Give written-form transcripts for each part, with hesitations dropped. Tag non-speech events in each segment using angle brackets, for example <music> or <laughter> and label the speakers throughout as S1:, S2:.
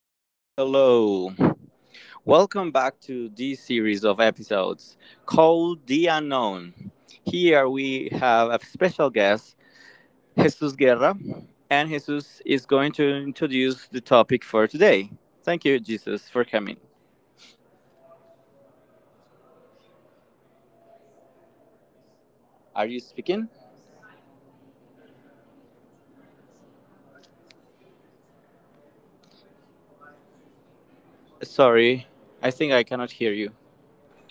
S1: Hello, hello. Welcome back to this series of episodes called The Unknown. Here we have a special guest, Jesus Guerra, and Jesus is going to introduce the topic for today. Thank you, Jesus, for coming. Are you speaking? Sorry, I think I cannot hear you.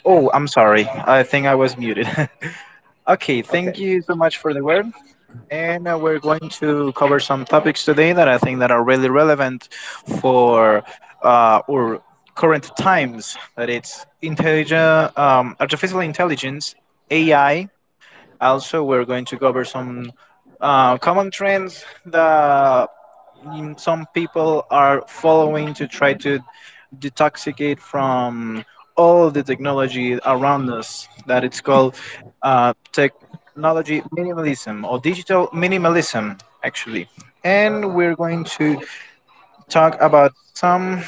S2: Oh, I'm sorry. I think I was muted. <laughs> Okay, thank you so much for the word. And We're going to cover some topics today that I think that are really relevant for our current times. That it's intelligent, artificial intelligence, AI. Also, we're going to cover some common trends that some people are following to try to detoxicate from all the technology around us that it's called technology minimalism, or digital minimalism actually, and we're going to talk about some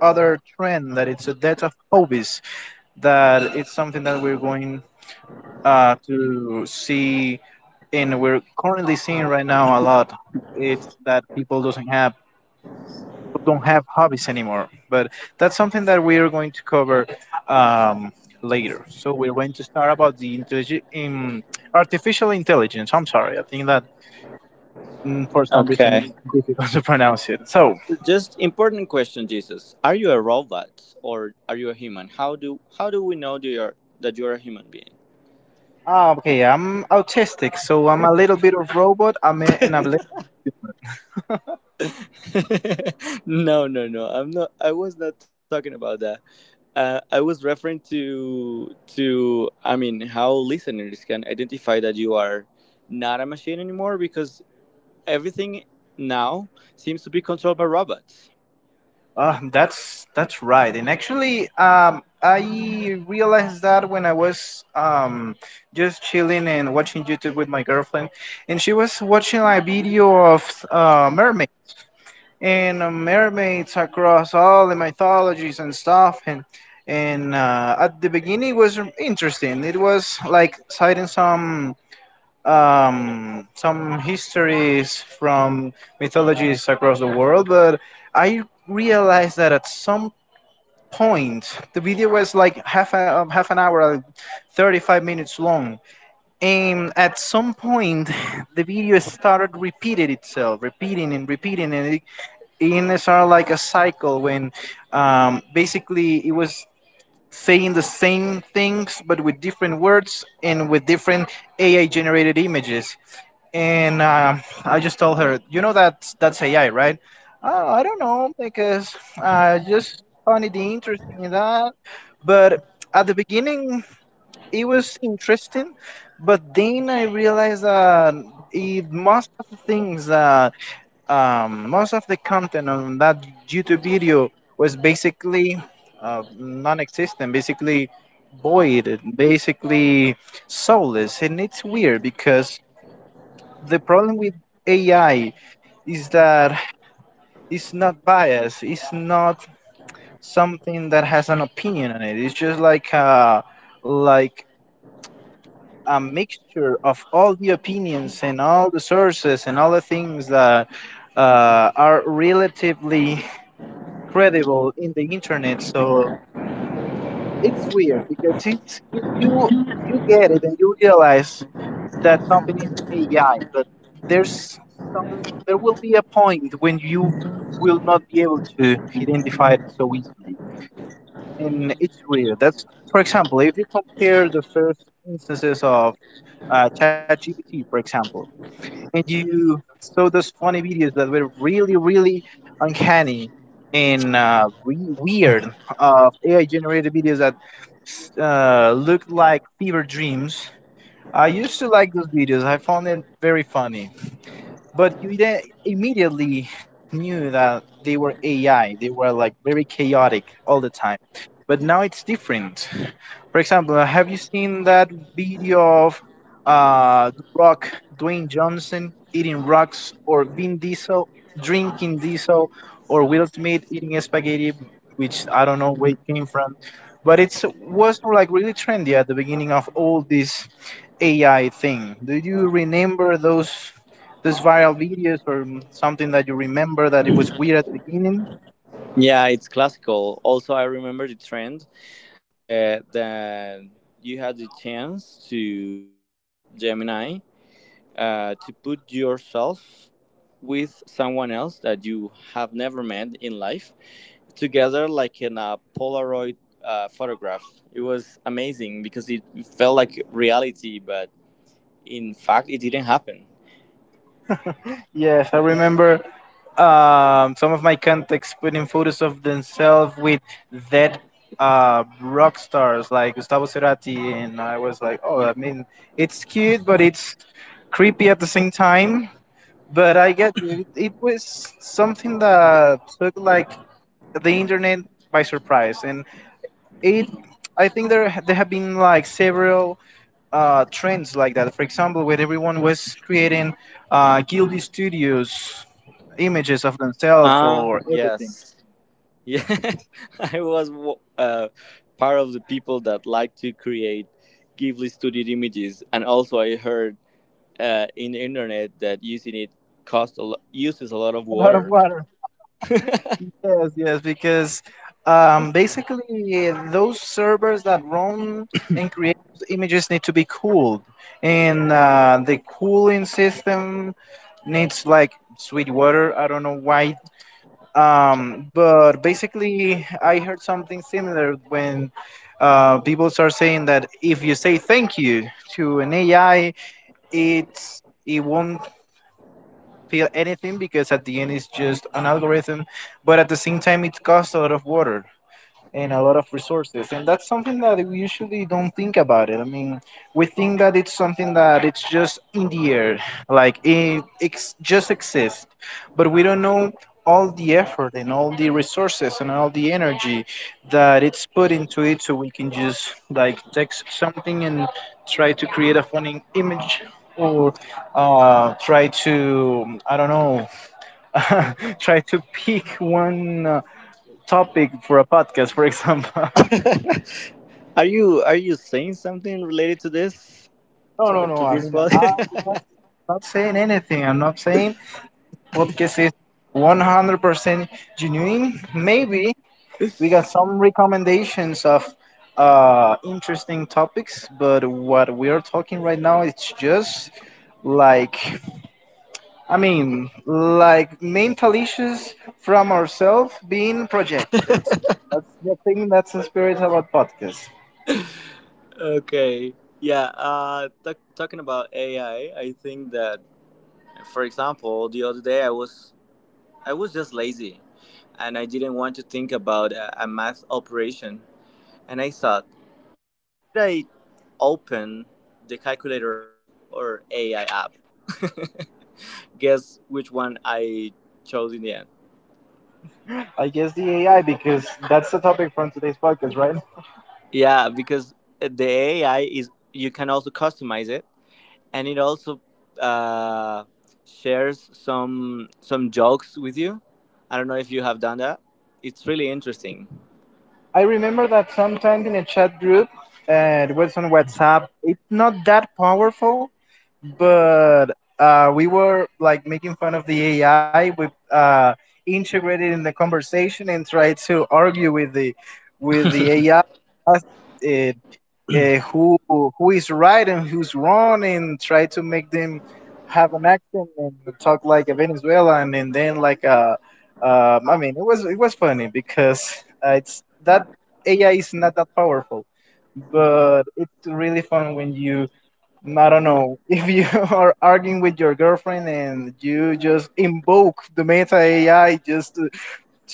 S2: other trend that it's a death of hobbies, that it's something that we're going to see and we're currently seeing right now a lot. It's that people doesn't have don't have hobbies anymore. But that's something that we are going to cover um, later. So we're going to start about the intellig- in artificial intelligence. I'm sorry, I think that for some reason it's
S1: Okay.
S2: difficult <laughs> to pronounce it. So,
S1: So just important question, Jesus. Are you a robot or are you a human? How do we know that you're a human being?
S2: ah, okay, I'm autistic, so I'm a little bit of robot. I'm a, and
S1: <laughs> No, no, no. I'm not. I was not talking about that. I was referring to. I mean, how listeners can identify that you are not a machine anymore because everything now seems to be controlled by robots.
S2: That's right. And actually, I realized that when I was just chilling and watching YouTube with my girlfriend, and she was watching a video of mermaid and mermaids across all the mythologies and stuff. And at the beginning, it was interesting. It was like citing some histories from mythologies across the world, but I realized that at some point the video was like half an hour, like 35 minutes long, and at some point, <laughs> the video started repeating itself, repeating and repeating, and it started like a cycle when basically it was saying the same things but with different words and with different AI generated images, and I just told her, you know that that's AI, right? Oh, I don't know because I just found it interesting in that. But at the beginning it was interesting, but then I realized that most of the things that most of the content on that YouTube video was basically non-existent, basically void, basically soulless. And it's weird because the problem with AI is that it's not biased. It's not something that has an opinion on it. It's just like like a mixture of all the opinions and all the sources and all the things that are relatively credible in the internet. So it's weird because it's you, you you get it and you realize that something is AI, but there's there will be a point when you will not be able to identify it so easily. And it's weird. That's for example, if you compare the first instances of ChatGPT, for example, and you saw those funny videos that were really, really uncanny and weird of AI generated videos that looked like fever dreams. I used to like those videos. I found it very funny. But you immediately knew that they were AI. They were like very chaotic all the time. But now it's different. For example, have you seen that video of The Rock, Dwayne Johnson eating rocks, or Vin Diesel drinking diesel, or Will Smith eating spaghetti, which I don't know where it came from. But it's was like really trendy at the beginning of all this AI thing. Do you remember those viral videos or something that you remember that it was weird at the beginning?
S1: Yeah, it's classical. Also, I remember the trend that you had the chance to ask Gemini to put yourself with someone else that you have never met in life together like in a Polaroid photograph. It was amazing because it felt like reality, but in fact, it didn't happen.
S2: Yes, I remember some of my contacts putting photos of themselves with dead rock stars like Gustavo Cerati, and I was like, oh, I mean, it's cute, but it's creepy at the same time. But I get you. It was something that took like the internet by surprise, and it. I think there have been like several trends like that. For example, when everyone was creating Guilty Studios images of themselves
S1: Ah,
S2: or everything.
S1: yes. <laughs> Yes. I was part of the people that like to create Ghibli studio images. And also, I heard in the internet that using it uses a lot of
S2: <laughs> A lot of
S1: water.
S2: water. <laughs>
S1: <laughs>
S2: Yes, yes, because basically those servers that run and create those images need to be cooled, and the cooling system needs like sweet water. I don't know why. But basically, I heard something similar when people start saying that if you say thank you to an AI, it's it won't feel anything because at the end it's just an algorithm. But at the same time, it costs a lot of water and a lot of resources, and that's something that we usually don't think about it. I mean, we think that it's something that it's just in the air, like it just exists, but we don't know all the effort and all the resources and all the energy that it's put into it, so we can just like take something and try to create a funny image or try to, I don't know, <laughs> try to pick one topic for a podcast, for example. <laughs>
S1: <laughs> Are you saying something related to
S2: No, no, no. I
S1: this
S2: mean,
S1: one?
S2: I'm not, not saying anything. I'm not saying podcast is 100% genuine. Maybe we got some recommendations of interesting topics, but what we are talking right now, it's just like, I mean, like mental issues from ourselves being projected. That's the thing, that's the spirit about podcasts.
S1: <laughs> Okay. Yeah. Talking about AI, I think that, for example, the other day I was just lazy, and I didn't want to think about a math operation, and I thought, should I open the calculator app or AI app? <laughs> Guess which one I chose in the end.
S2: I guess the AI, because that's the topic from today's podcast, right?
S1: Yeah, because the AI is you can also customize it, and it also uh, shares some jokes with you. I don't know if you have done that. It's really interesting,
S2: I remember that sometimes in a chat group, it was on WhatsApp, it's not that powerful, but we were like making fun of the AI. We integrated in the conversation and tried to argue with the AI, uh, who is right and who's wrong, and try to make them have an accent and talk like a Venezuelan and then like a I mean it was funny because it's that AI is not that powerful but it's really fun when you, I don't know, <laughs> if you are arguing with your girlfriend and you just invoke the meta AI just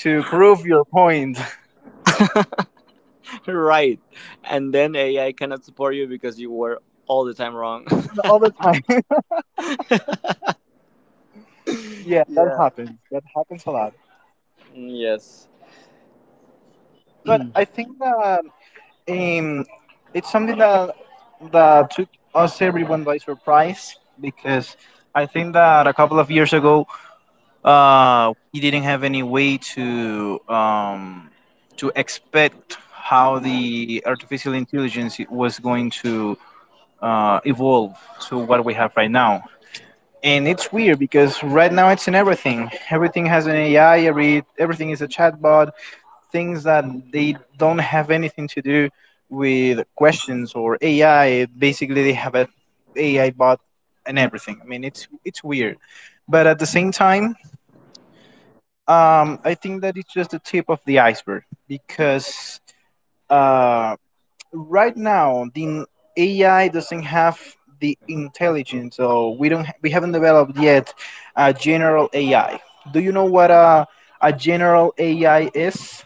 S2: to prove your point.
S1: <laughs> right? And then AI cannot support you because you were all the time wrong.
S2: <laughs> All the time. <laughs> Yeah,
S1: <laughs>
S2: that
S1: Yeah.
S2: happens, a lot.
S1: Yes.
S2: But I think that um, it's something that took us everyone by surprise because I think that a couple of years ago, we didn't have any way to expect how the artificial intelligence was going to evolve to what we have right now. And it's weird because right now it's in everything. Everything has an AI. Everything is a chatbot. Things that they don't have anything to do with questions or AI, basically, they have a AI bot and everything. I mean, it's weird, but at the same time, I think that it's just the tip of the iceberg because, uh, right now the AI doesn't have the intelligence, so we haven't developed yet a general AI. Do you know what a general AI is?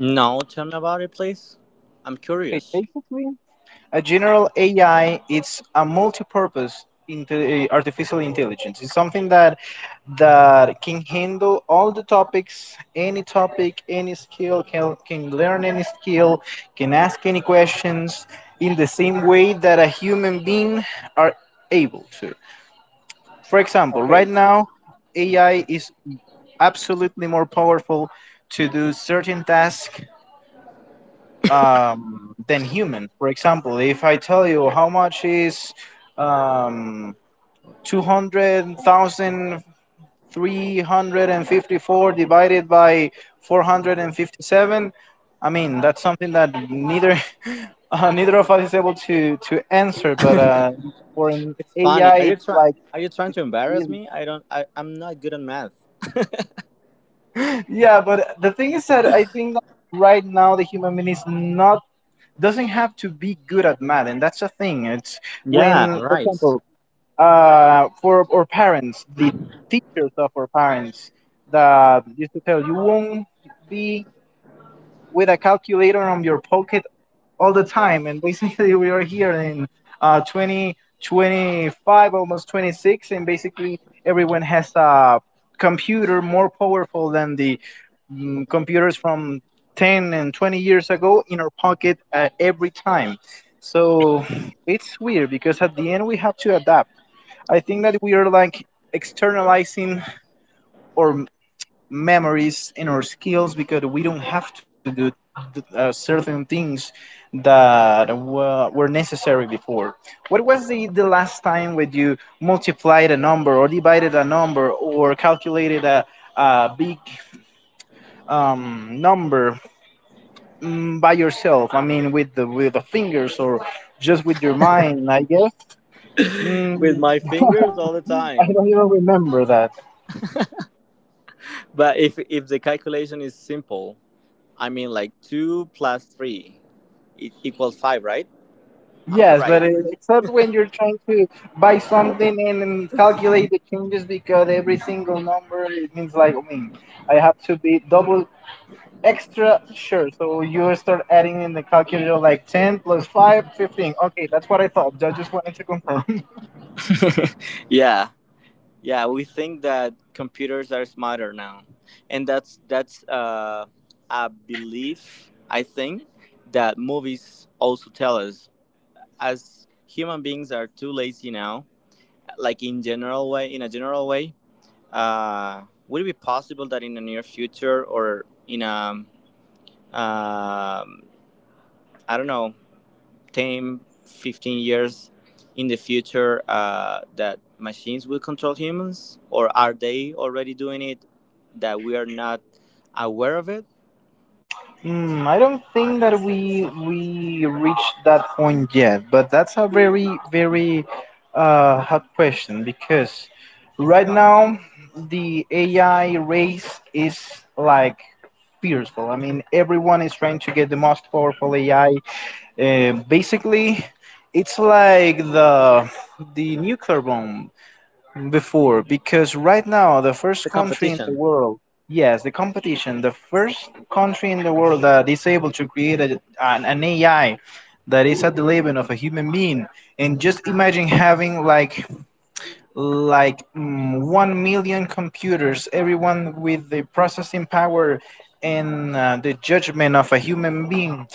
S1: No, tell me about it, please. I'm
S2: Okay,
S1: curious.
S2: basically, a general AI, it's a multi-purpose into artificial intelligence. It's something that can handle all the topics, any topic, any skill, can learn any skill, can ask any questions in the same way that a human being are able to. For example,
S1: Okay.
S2: right now, AI is absolutely more powerful to do certain tasks than human. For example, if I tell you how much is um, 200,354 divided by 457, I mean, that's something that neither <laughs> neither of us is able to answer, but
S1: <laughs>
S2: for an
S1: It's funny.
S2: AI,
S1: Are you
S2: it's
S1: trying?
S2: like,
S1: Are you trying
S2: it's
S1: to embarrass
S2: really.
S1: me?
S2: <laughs>
S1: I don't. I'm not good at math.
S2: Yeah, but the thing is that I think that right now the human being is not doesn't have to be good at math, and that's a thing. It's
S1: Yeah.
S2: when, for
S1: Right.
S2: example, for our parents, the teachers of our parents that used to tell you won't be with a calculator on your pocket all the time. And basically, we are here in uh, 20, 25, almost 26, and basically everyone has a computer more powerful than the computers from 10 and 20 years ago in our pocket every time. So it's weird because at the end we have to adapt. I think that we are like externalizing our memories and our skills because we don't have to do certain things that were necessary before. What was the last time when you multiplied a number or divided a number or calculated a big number by yourself? I mean, with the fingers or just with your mind? I guess
S1: <laughs> With
S2: mm,
S1: my fingers all the
S2: I
S1: time.
S2: don't even remember that.
S1: But if the calculation is simple, I mean like two plus three equals five, right? Am I
S2: Yes,
S1: right?
S2: but except when you're trying to buy something then calculate the changes, because every single number it means like, I mean, I have to be double extra sure. So you start adding in the calculator like 10 plus 5, 15. Okay, that's what I thought. I just wanted to confirm.
S1: <laughs> Yeah, yeah. We think that computers are smarter now, and that's a belief I think that movies also tell us. As human beings are too lazy now, like in general way, in a general way, uh, would it be possible that in the near future or in um I don't know, 10, 15 years in the future, that machines will control humans? Or are they already doing it that we are not aware of it?
S2: Hmm, I don't think that we reached that point yet, but that's a very hot question because right now the AI race is like fearful. I mean, everyone is trying to get the most powerful AI. Basically, it's like the nuclear bomb before because right now the first country in the
S1: Competition.
S2: world. Yes, the competition, the first country in the world that is able to create an ai that is at the level of a human being. And just imagine having like 1 million computers, everyone with the processing power and the judgment of a human being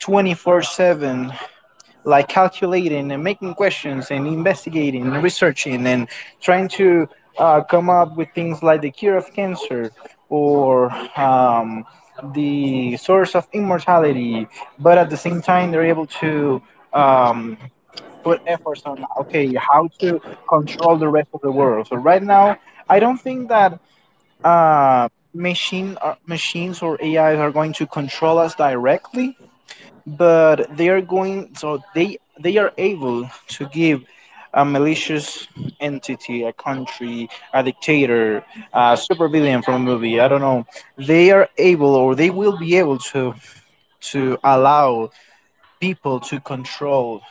S2: 24/7, like calculating and making questions and investigating and researching and trying to come up with things like the cure of cancer or um, the source of immortality. But at the same time, they're able to um, put efforts on, okay, how to control the rest of the world. So right now, I don't think that. Uh, Machines or AIs are going to control us directly, but they are going, so they are able to give a malicious entity, a country, a dictator, a supervillain from a movie, I don't know, they are able or they will be able to allow people to control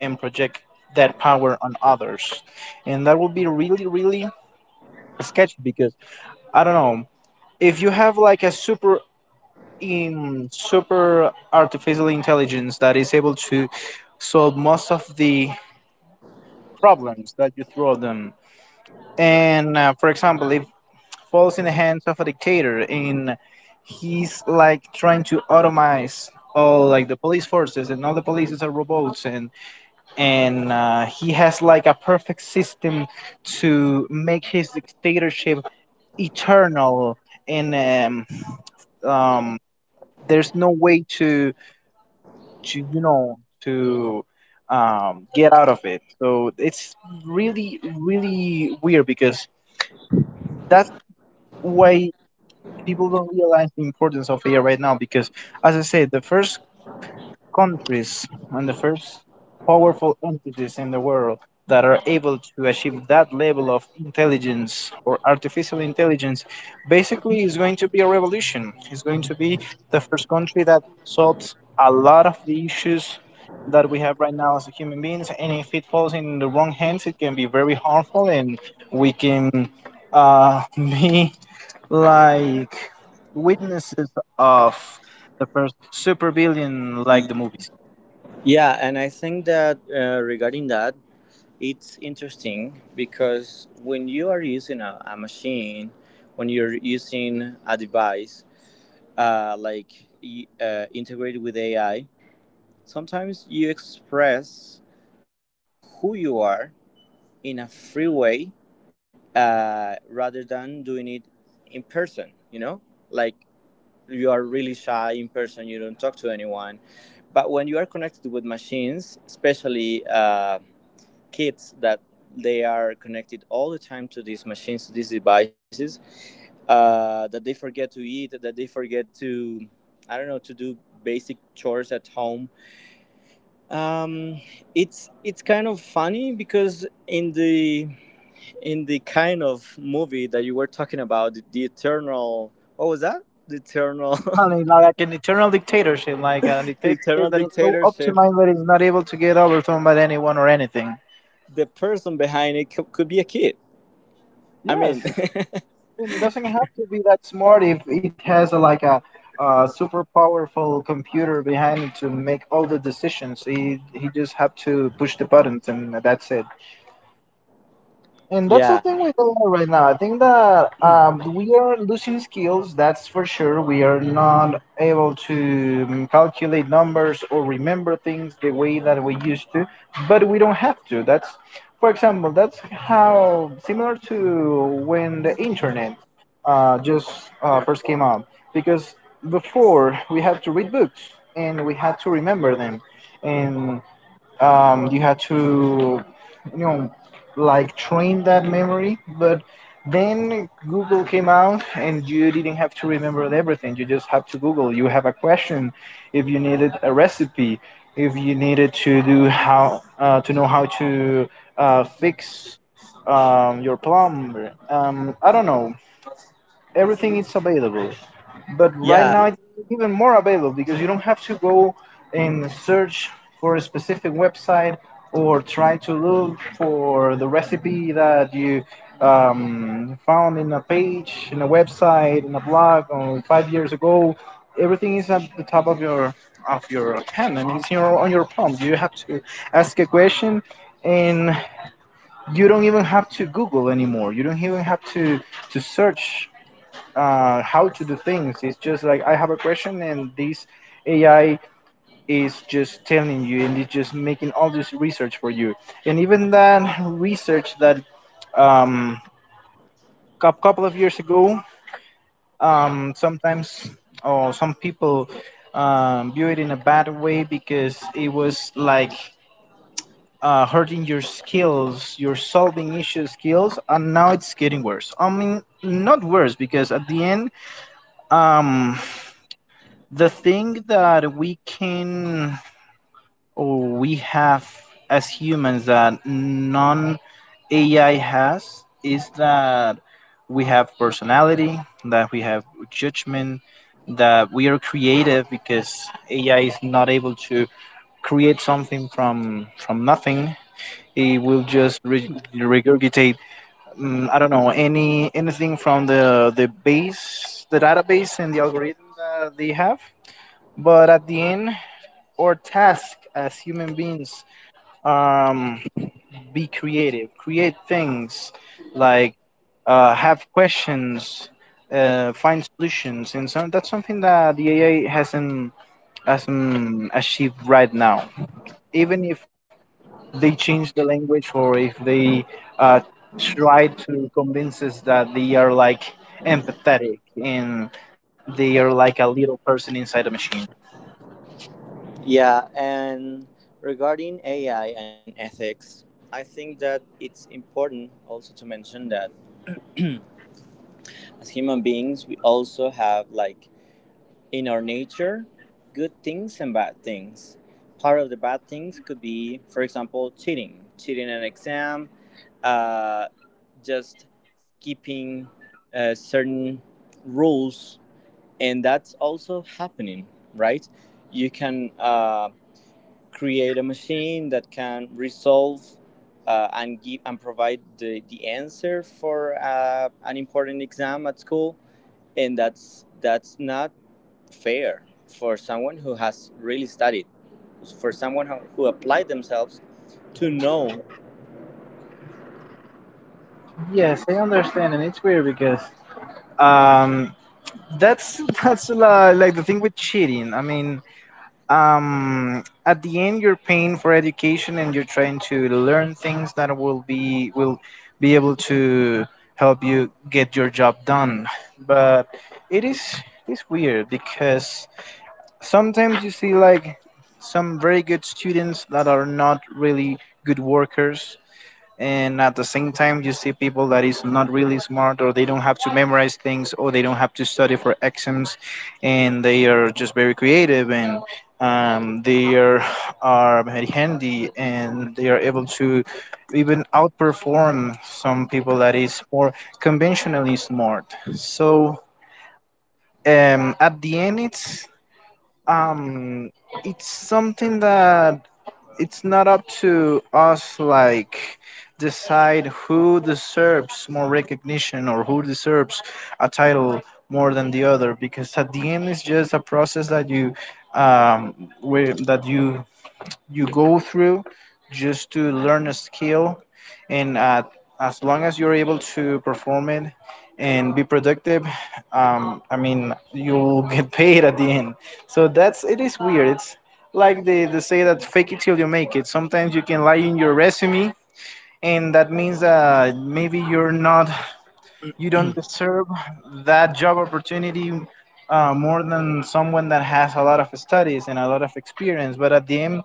S2: and project that power on others. And that will be really sketchy because I don't know, if you have like a super artificial intelligence that is able to solve most of the problems that you throw at them. And for example, if falls in the hands of a dictator and he's like trying to automate all like the police forces and all the police are robots and and he has like a perfect system to make his dictatorship eternal and um, there's no way to to you know to get out of it. So it's really weird because that's why people don't realize the importance of AI right now. Because as I said, the first countries and the first powerful entities in the world that are able to achieve that level of intelligence or artificial intelligence, basically, is going to be a revolution. It's going to be the first country that solves a lot of the issues that we have right now as human beings. And if it falls in the wrong hands, it can be very harmful and we can <laughs> be like witnesses of the first super villain like the movies.
S1: Yeah, and I think that regarding that, it's interesting because when you are using a machine, when you're using a device, uh, like integrated with AI. Sometimes you express what who you are in a free way rather than doing it in person. You know, like you are really shy in person, you don't talk to anyone. But when you are connected with machines, especially kids that they are connected all the time to these machines, to these devices, that they forget to eat, that they forget to, I don't know, to do basic chores at home. Um, it's kind of funny because in the kind of movie that you were talking about, the eternal what was that? The eternal
S2: I mean,
S1: <laughs>
S2: like an eternal dictatorship, like a
S1: the
S2: dictatorship
S1: eternal
S2: that is so
S1: dictatorship.
S2: optimized that it's not able to get overthrown by anyone or anything.
S1: The person behind it could be a kid. I
S2: Yes,
S1: mean,
S2: I mean, it doesn't have to be that smart if it has like a super powerful computer behind it to make all the decisions. He just have to push the buttons and that's it. And that's
S1: <laughs> yeah,
S2: the thing with AI right now. I think that we are losing skills, that's for sure. We are not able to calculate numbers or remember things the way that we used to, but we don't have to. That's, for example, that's how similar to when the internet just first came out. Because before, we had to read books and we had to remember them. And you had to you know train that memory. But then Google came out and you didn't have to remember everything, you just have to Google. You have a question, if you needed a recipe, if you needed to do how to know how to fix your plumber, I don't know, everything is available. But right
S1: yeah.
S2: now it's even more available because you don't have to go and search for a specific website or try to look for the recipe that you found in a page, in a website, in a blog, or 5 years ago. Everything is at the top of your hand and it's your, on your palm. You have to ask a question and you don't even have to Google anymore. You don't even have to search how to do things. It's just like I have a question, and this AI is just telling you, and it's just making all this research for you. And even that research that um, a couple of years ago, sometimes or oh, some people view it in a bad way because it was like hurting your skills, your solving issue skills, and now it's getting worse. I mean, not worse because at the end, um, the thing that we can or we have as humans that non AI has is that we have personality, that we have judgment, that we are creative because AI is not able to create something from nothing. It will just regurgitate, I don't know, anything from the base, the database, and the algorithm that they have. But at the end, or task as human beings, um, be creative, create things, like have questions, find solutions and that's something that the ai hasn't achieved right now, even if they change the language or if they uh, try to convince us that they are like empathetic and they are like a little person inside a machine.
S1: Yeah, and regarding AI and ethics, I think that it's important also to mention that as human beings, we also have, like, in our nature, good things and bad things. Part of the bad things could be, for example, cheating, cheating an exam, uh, just keeping certain rules, and that's also happening, right? You can. Create a machine that can resolve and give and provide the answer for an important exam at school, and that's not fair for someone who has really studied, for someone who applied themselves to know
S2: Yes, I understand, and it's weird because um, that's <laughs> that's like the thing with cheating. I mean, at the end, you're paying for education and you're trying to learn things that will be able to help you get your job done. But it is, it's weird because sometimes you see like some very good students that are not really good workers, and at the same time you see people that is not really smart or they don't have to memorize things or they don't have to study for exams, and they are just very creative and um, they are, are very handy and they are able to even outperform some people that is more conventionally smart. So, at the end um, it's something that it's not up to us like decide who deserves more recognition or who deserves a title more than the other, because at the end it's just a process that you um where that you you go through just to learn a skill. And as long as you're able to perform it and be productive, I mean, you'll <laughs> get paid at the end. So that's, it is weird, it's like they say that fake it till you make it. Sometimes you can lie in your resume, and that means maybe you're not, you don't deserve that job opportunity more than someone that has a lot of studies and a lot of experience. But at the end,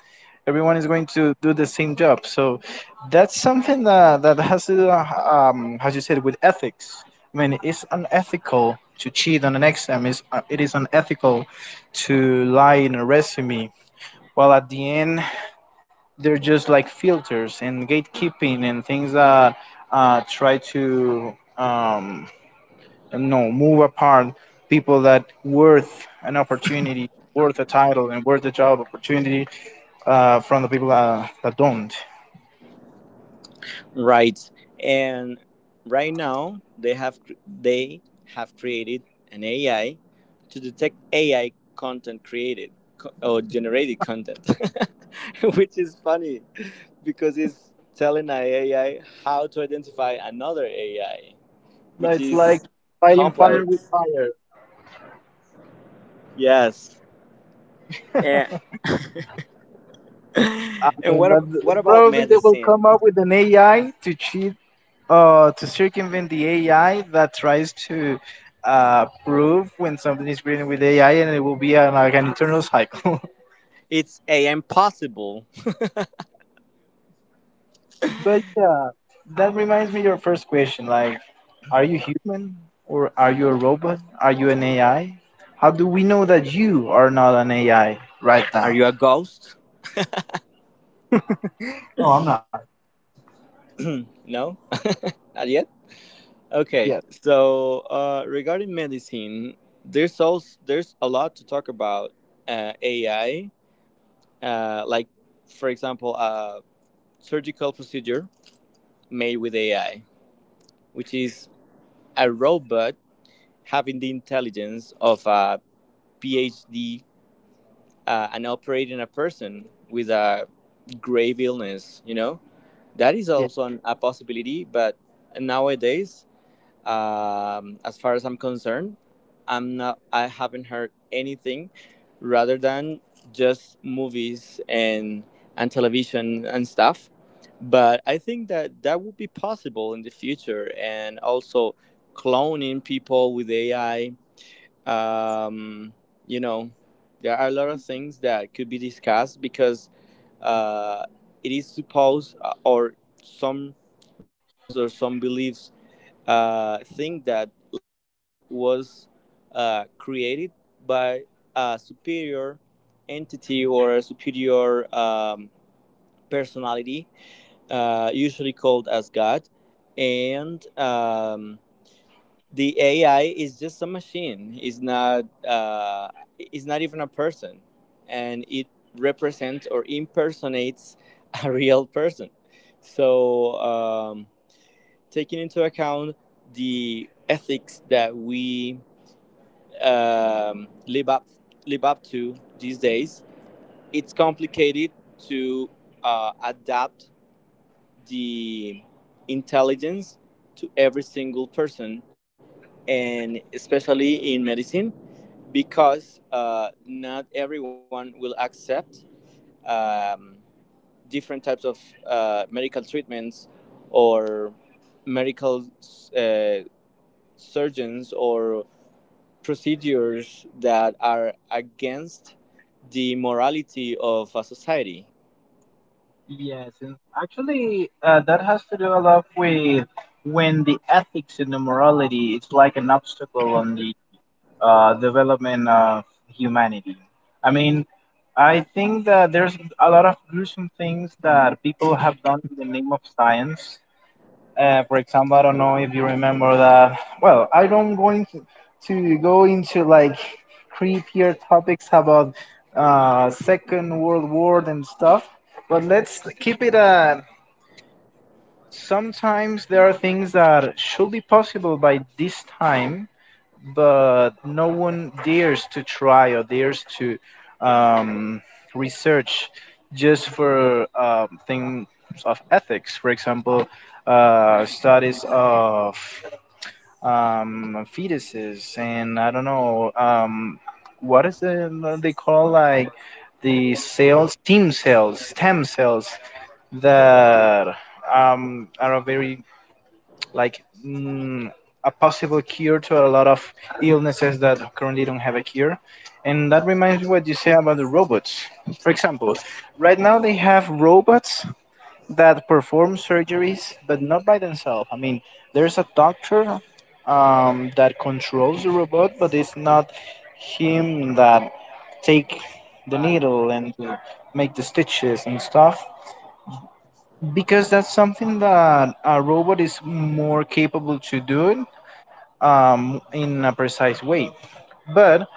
S2: everyone is going to do the same job. So that's something that, that has to do, as you said, with ethics. I mean, it's unethical to cheat on an exam. It's, it is unethical to lie in a resume. While at the end, they're just like filters and gatekeeping and things that try to no move apart people that worth an opportunity, worth a title, and worth a job opportunity from the people that don't.
S1: right. And right now they have created an AI to detect AI content or generated content, <laughs> which is funny because it's telling an AI how to identify another AI, which
S2: It's like
S1: is
S2: fighting fire with
S1: complex.
S2: fire.
S1: Yes. And <laughs>
S2: I
S1: and
S2: mean
S1: what,
S2: that,
S1: what about
S2: probably they will
S1: medicine?
S2: come up with an ai to cheat to circumvent the ai that tries to prove when something is written with ai, and it will be an, like an internal cycle. <laughs>
S1: It's AI impossible.
S2: But yeah, that reminds me your first question. Like, are you human or are you a robot? Are you an AI? How do we know that you are not an AI right
S1: Are
S2: now?
S1: you a ghost?
S2: Oh, I'm not.
S1: <clears throat> No? <laughs> Not yet? Okay.
S2: Yes.
S1: So, regarding medicine, there's there's a lot to talk about AI, like, for example, a surgical procedure made with AI, which is a robot having the intelligence of a PhD and operating a person with a grave illness, you know? That is
S2: Yeah.
S1: also a possibility, but nowadays, as far as I'm concerned, I'm not. I haven't heard anything, rather than just movies and television and stuff. But I think that that would be possible in the future, and also cloning people with AI. Um, you know, there are a lot of things that could be discussed because uh, it is supposed, or some religions or some beliefs think that life was created by a superior entity or a superior personality, usually called as God. And the AI is just a machine. It's not. It's not even a person, and it represents or impersonates <laughs> a real person. So. Taking into account the ethics that we um, live up live up to these days, it's complicated to adapt the intelligence to every single person, and especially in medicine, because not everyone will accept um, different types of medical treatments or medical uh, surgeons or procedures that are against the morality of a society.
S2: Yes, and actually, that has to do a lot with when the ethics and the morality is like an obstacle on the development of humanity. I mean, I think that there's a lot of gruesome things that people have done in the name of science. For example, I don't know if you remember that. Well, I don't going to go into like creepier topics about Second World War and stuff, but let's keep it at. Sometimes there are things that should be possible by this time, but no one dares to try or dares to um, research just for things of ethics. For example, studies of fetuses, and I don't know what is it they call like the cells, stem cells, stem cells that are a very like mm, a possible cure to a lot of illnesses that currently don't have a cure. And that reminds me what you say about the robots. For example, right now they have robots that perform surgeries, but not by themselves. I mean, there's a doctor that controls the robot, but it's not him that take the needle and make the stitches and stuff because that's something that a robot is more capable to do in a precise way. But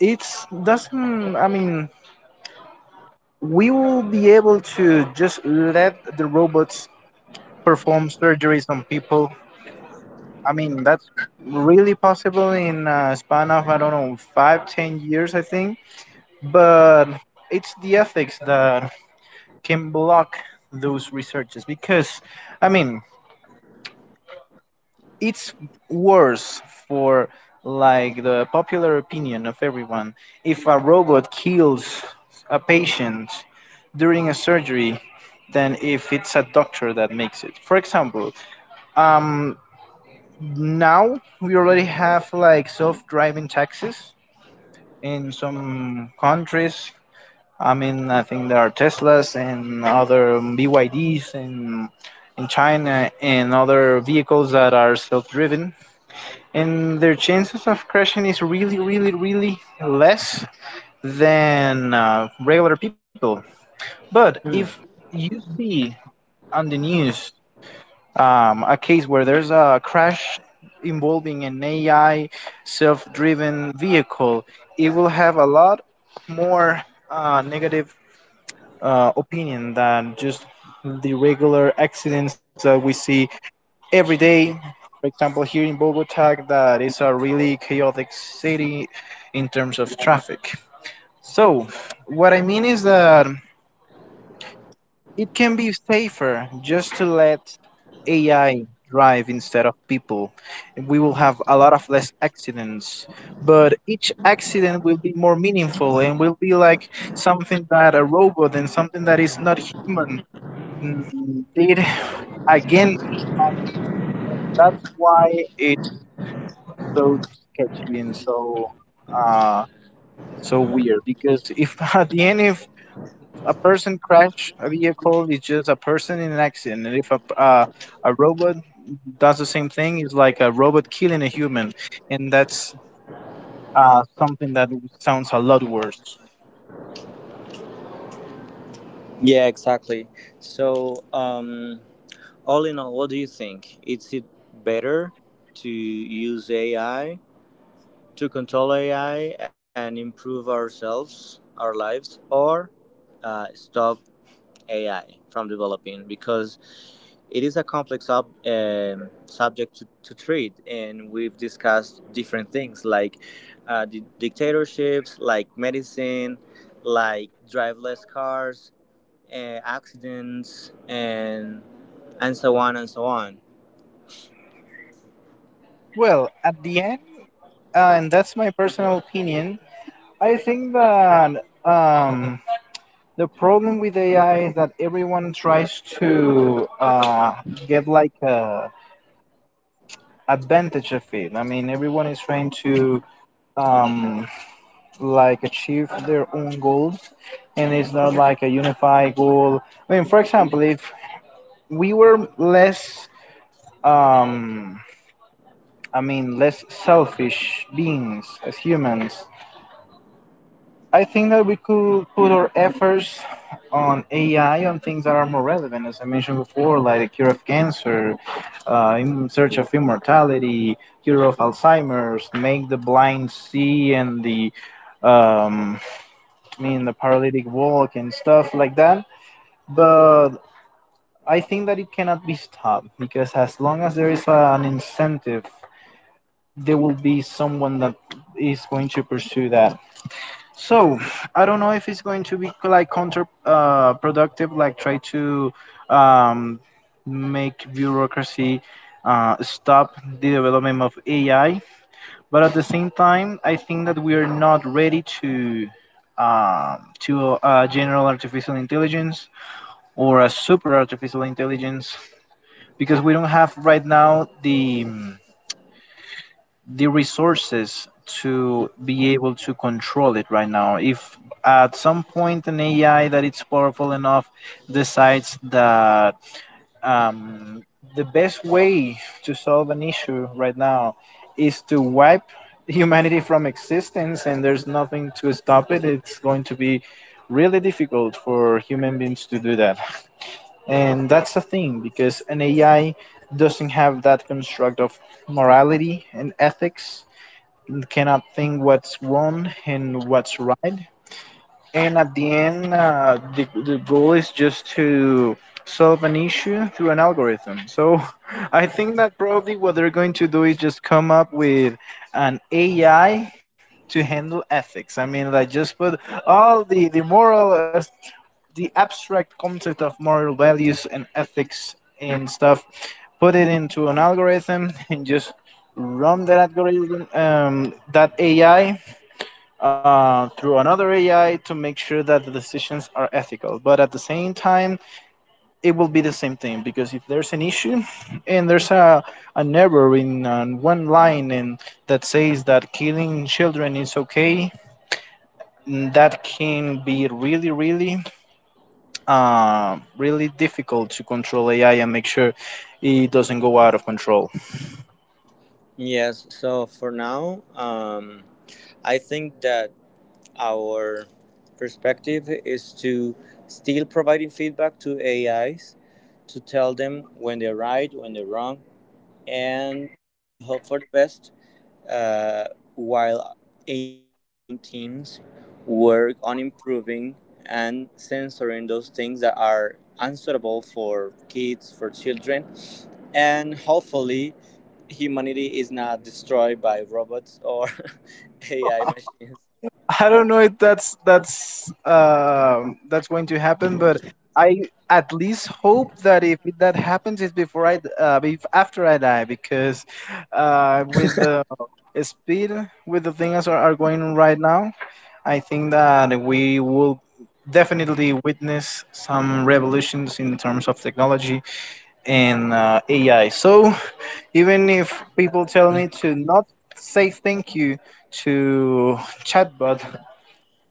S2: it's doesn't. We will be able to just let the robots perform surgeries on people. I mean, that's really possible in a span of, I don't know, five, 10 years, I think. But it's the ethics that can block those researches because, I mean, it's worse for like the popular opinion of everyone if a robot kills a patient during a surgery than if it's a doctor that makes it, for example. um Now we already have like self-driving taxis in some countries. I mean, I think there are Teslas and other BYDs in China and other vehicles that are self-driven, and their chances of crashing is really, really, really less than regular people. But if
S1: Hmm.
S2: you see on the news a case where there's a crash involving an AI self driven vehicle, it will have a lot more negative opinion than just the regular accidents that we see every day. For example, here in Bogota, that is a really chaotic city in terms of traffic. So, what I mean is that it can be safer just to let AI drive instead of people. We will have a lot of less accidents, but each accident will be more meaningful and will be like something that a robot and something that is not human did against humanity. And that's why it so sketchy and so uh so weird, because if <laughs> at the end, if a person crash a vehicle, it's just a person in an accident, and if a a robot does the same thing, it's like a robot killing a human, and that's something that sounds a lot worse.
S1: Yeah, exactly. So, all in all, what do you think? Is it better to use AI to control AI and improve ourselves, our lives, or stop AI from developing because it is a complex subject to treat, and we've discussed different things like dictatorships, like medicine, like driveless cars, accidents, and so on and so on.
S2: Well, at the end, and that's my personal opinion, I think that the problem with AI is that everyone tries to get like a advantage of it. I mean, everyone is trying to um, like achieve their own goals, and it's not like a unified goal. I mean, for example, if we were less, um, less selfish beings as humans, I think that we could put our efforts on AI on things that are more relevant, as I mentioned before, like the cure of cancer, in search of immortality, cure of Alzheimer's, make the blind see and the um, the paralytic walk and stuff like that. But I think that it cannot be stopped because as long as there is an incentive, there will be someone that is going to pursue that. So I don't know if it's going to be like counter productive, like try to um, make bureaucracy stop the development of AI. But at the same time, I think that we are not ready to general artificial intelligence or a super artificial intelligence, because we don't have right now the resources to be able to control it right now. If at some point an AI that it's powerful enough decides that, um, the best way to solve an issue right now is to wipe humanity from existence and there's nothing to stop it, it's going to be really difficult for human beings to do that. And that's a thing, because an AI doesn't have that construct of morality and ethics, cannot think what's wrong and what's right. And at the end, the goal is just to solve an issue through an algorithm. So <laughs> I think that probably what they're going to do is just come up with an AI to handle ethics. I mean, like just put all the moral, the abstract concept of moral values and ethics and stuff, put it into an algorithm, <laughs> and just run that algorithm, that AI, through another AI to make sure that the decisions are ethical. But at the same time, it will be the same thing, because if there's an issue and there's a an error in one line and that says that killing children is okay, that can be really, really really difficult to control AI and make sure it doesn't go out of control.
S1: Yes. So for now, I think that our perspective is to still providing feedback to AIs to tell them when they're right, when they're wrong, and to hope for the best uh, while engineering teams work on improving and censoring those things that are answerable for kids, for children, and hopefully humanity is not destroyed by robots or <laughs> AI machines.
S2: <laughs> I don't know if that's that's going to happen, but I at least hope that if that happens, it's before I after I die, because with the speed with the things are going right now, I think that we will definitely witness some revolutions in terms of technology and AI. So, even if people tell me to not say thank you to chatbot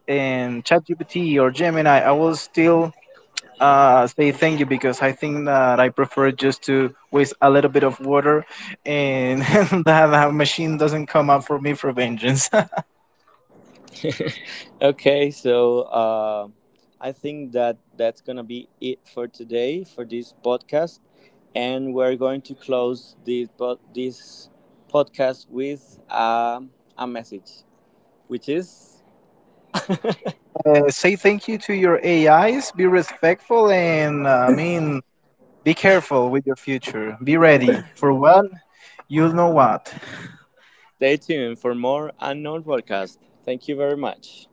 S2: and ChatGPT or Gemini, I will still say thank you, because I think that I prefer just to waste a little bit of water and <laughs> that a machine doesn't come up for me for vengeance. <laughs>
S1: <laughs> Okay, so I think that that's gonna be it for today for this podcast, and we're going to close this this podcast with a message, which is
S2: Say thank you to your AIs, be respectful, and I mean, be careful with your future. Be ready for what? You'll know what.
S1: stay tuned for more unknown podcast. Thank you very much.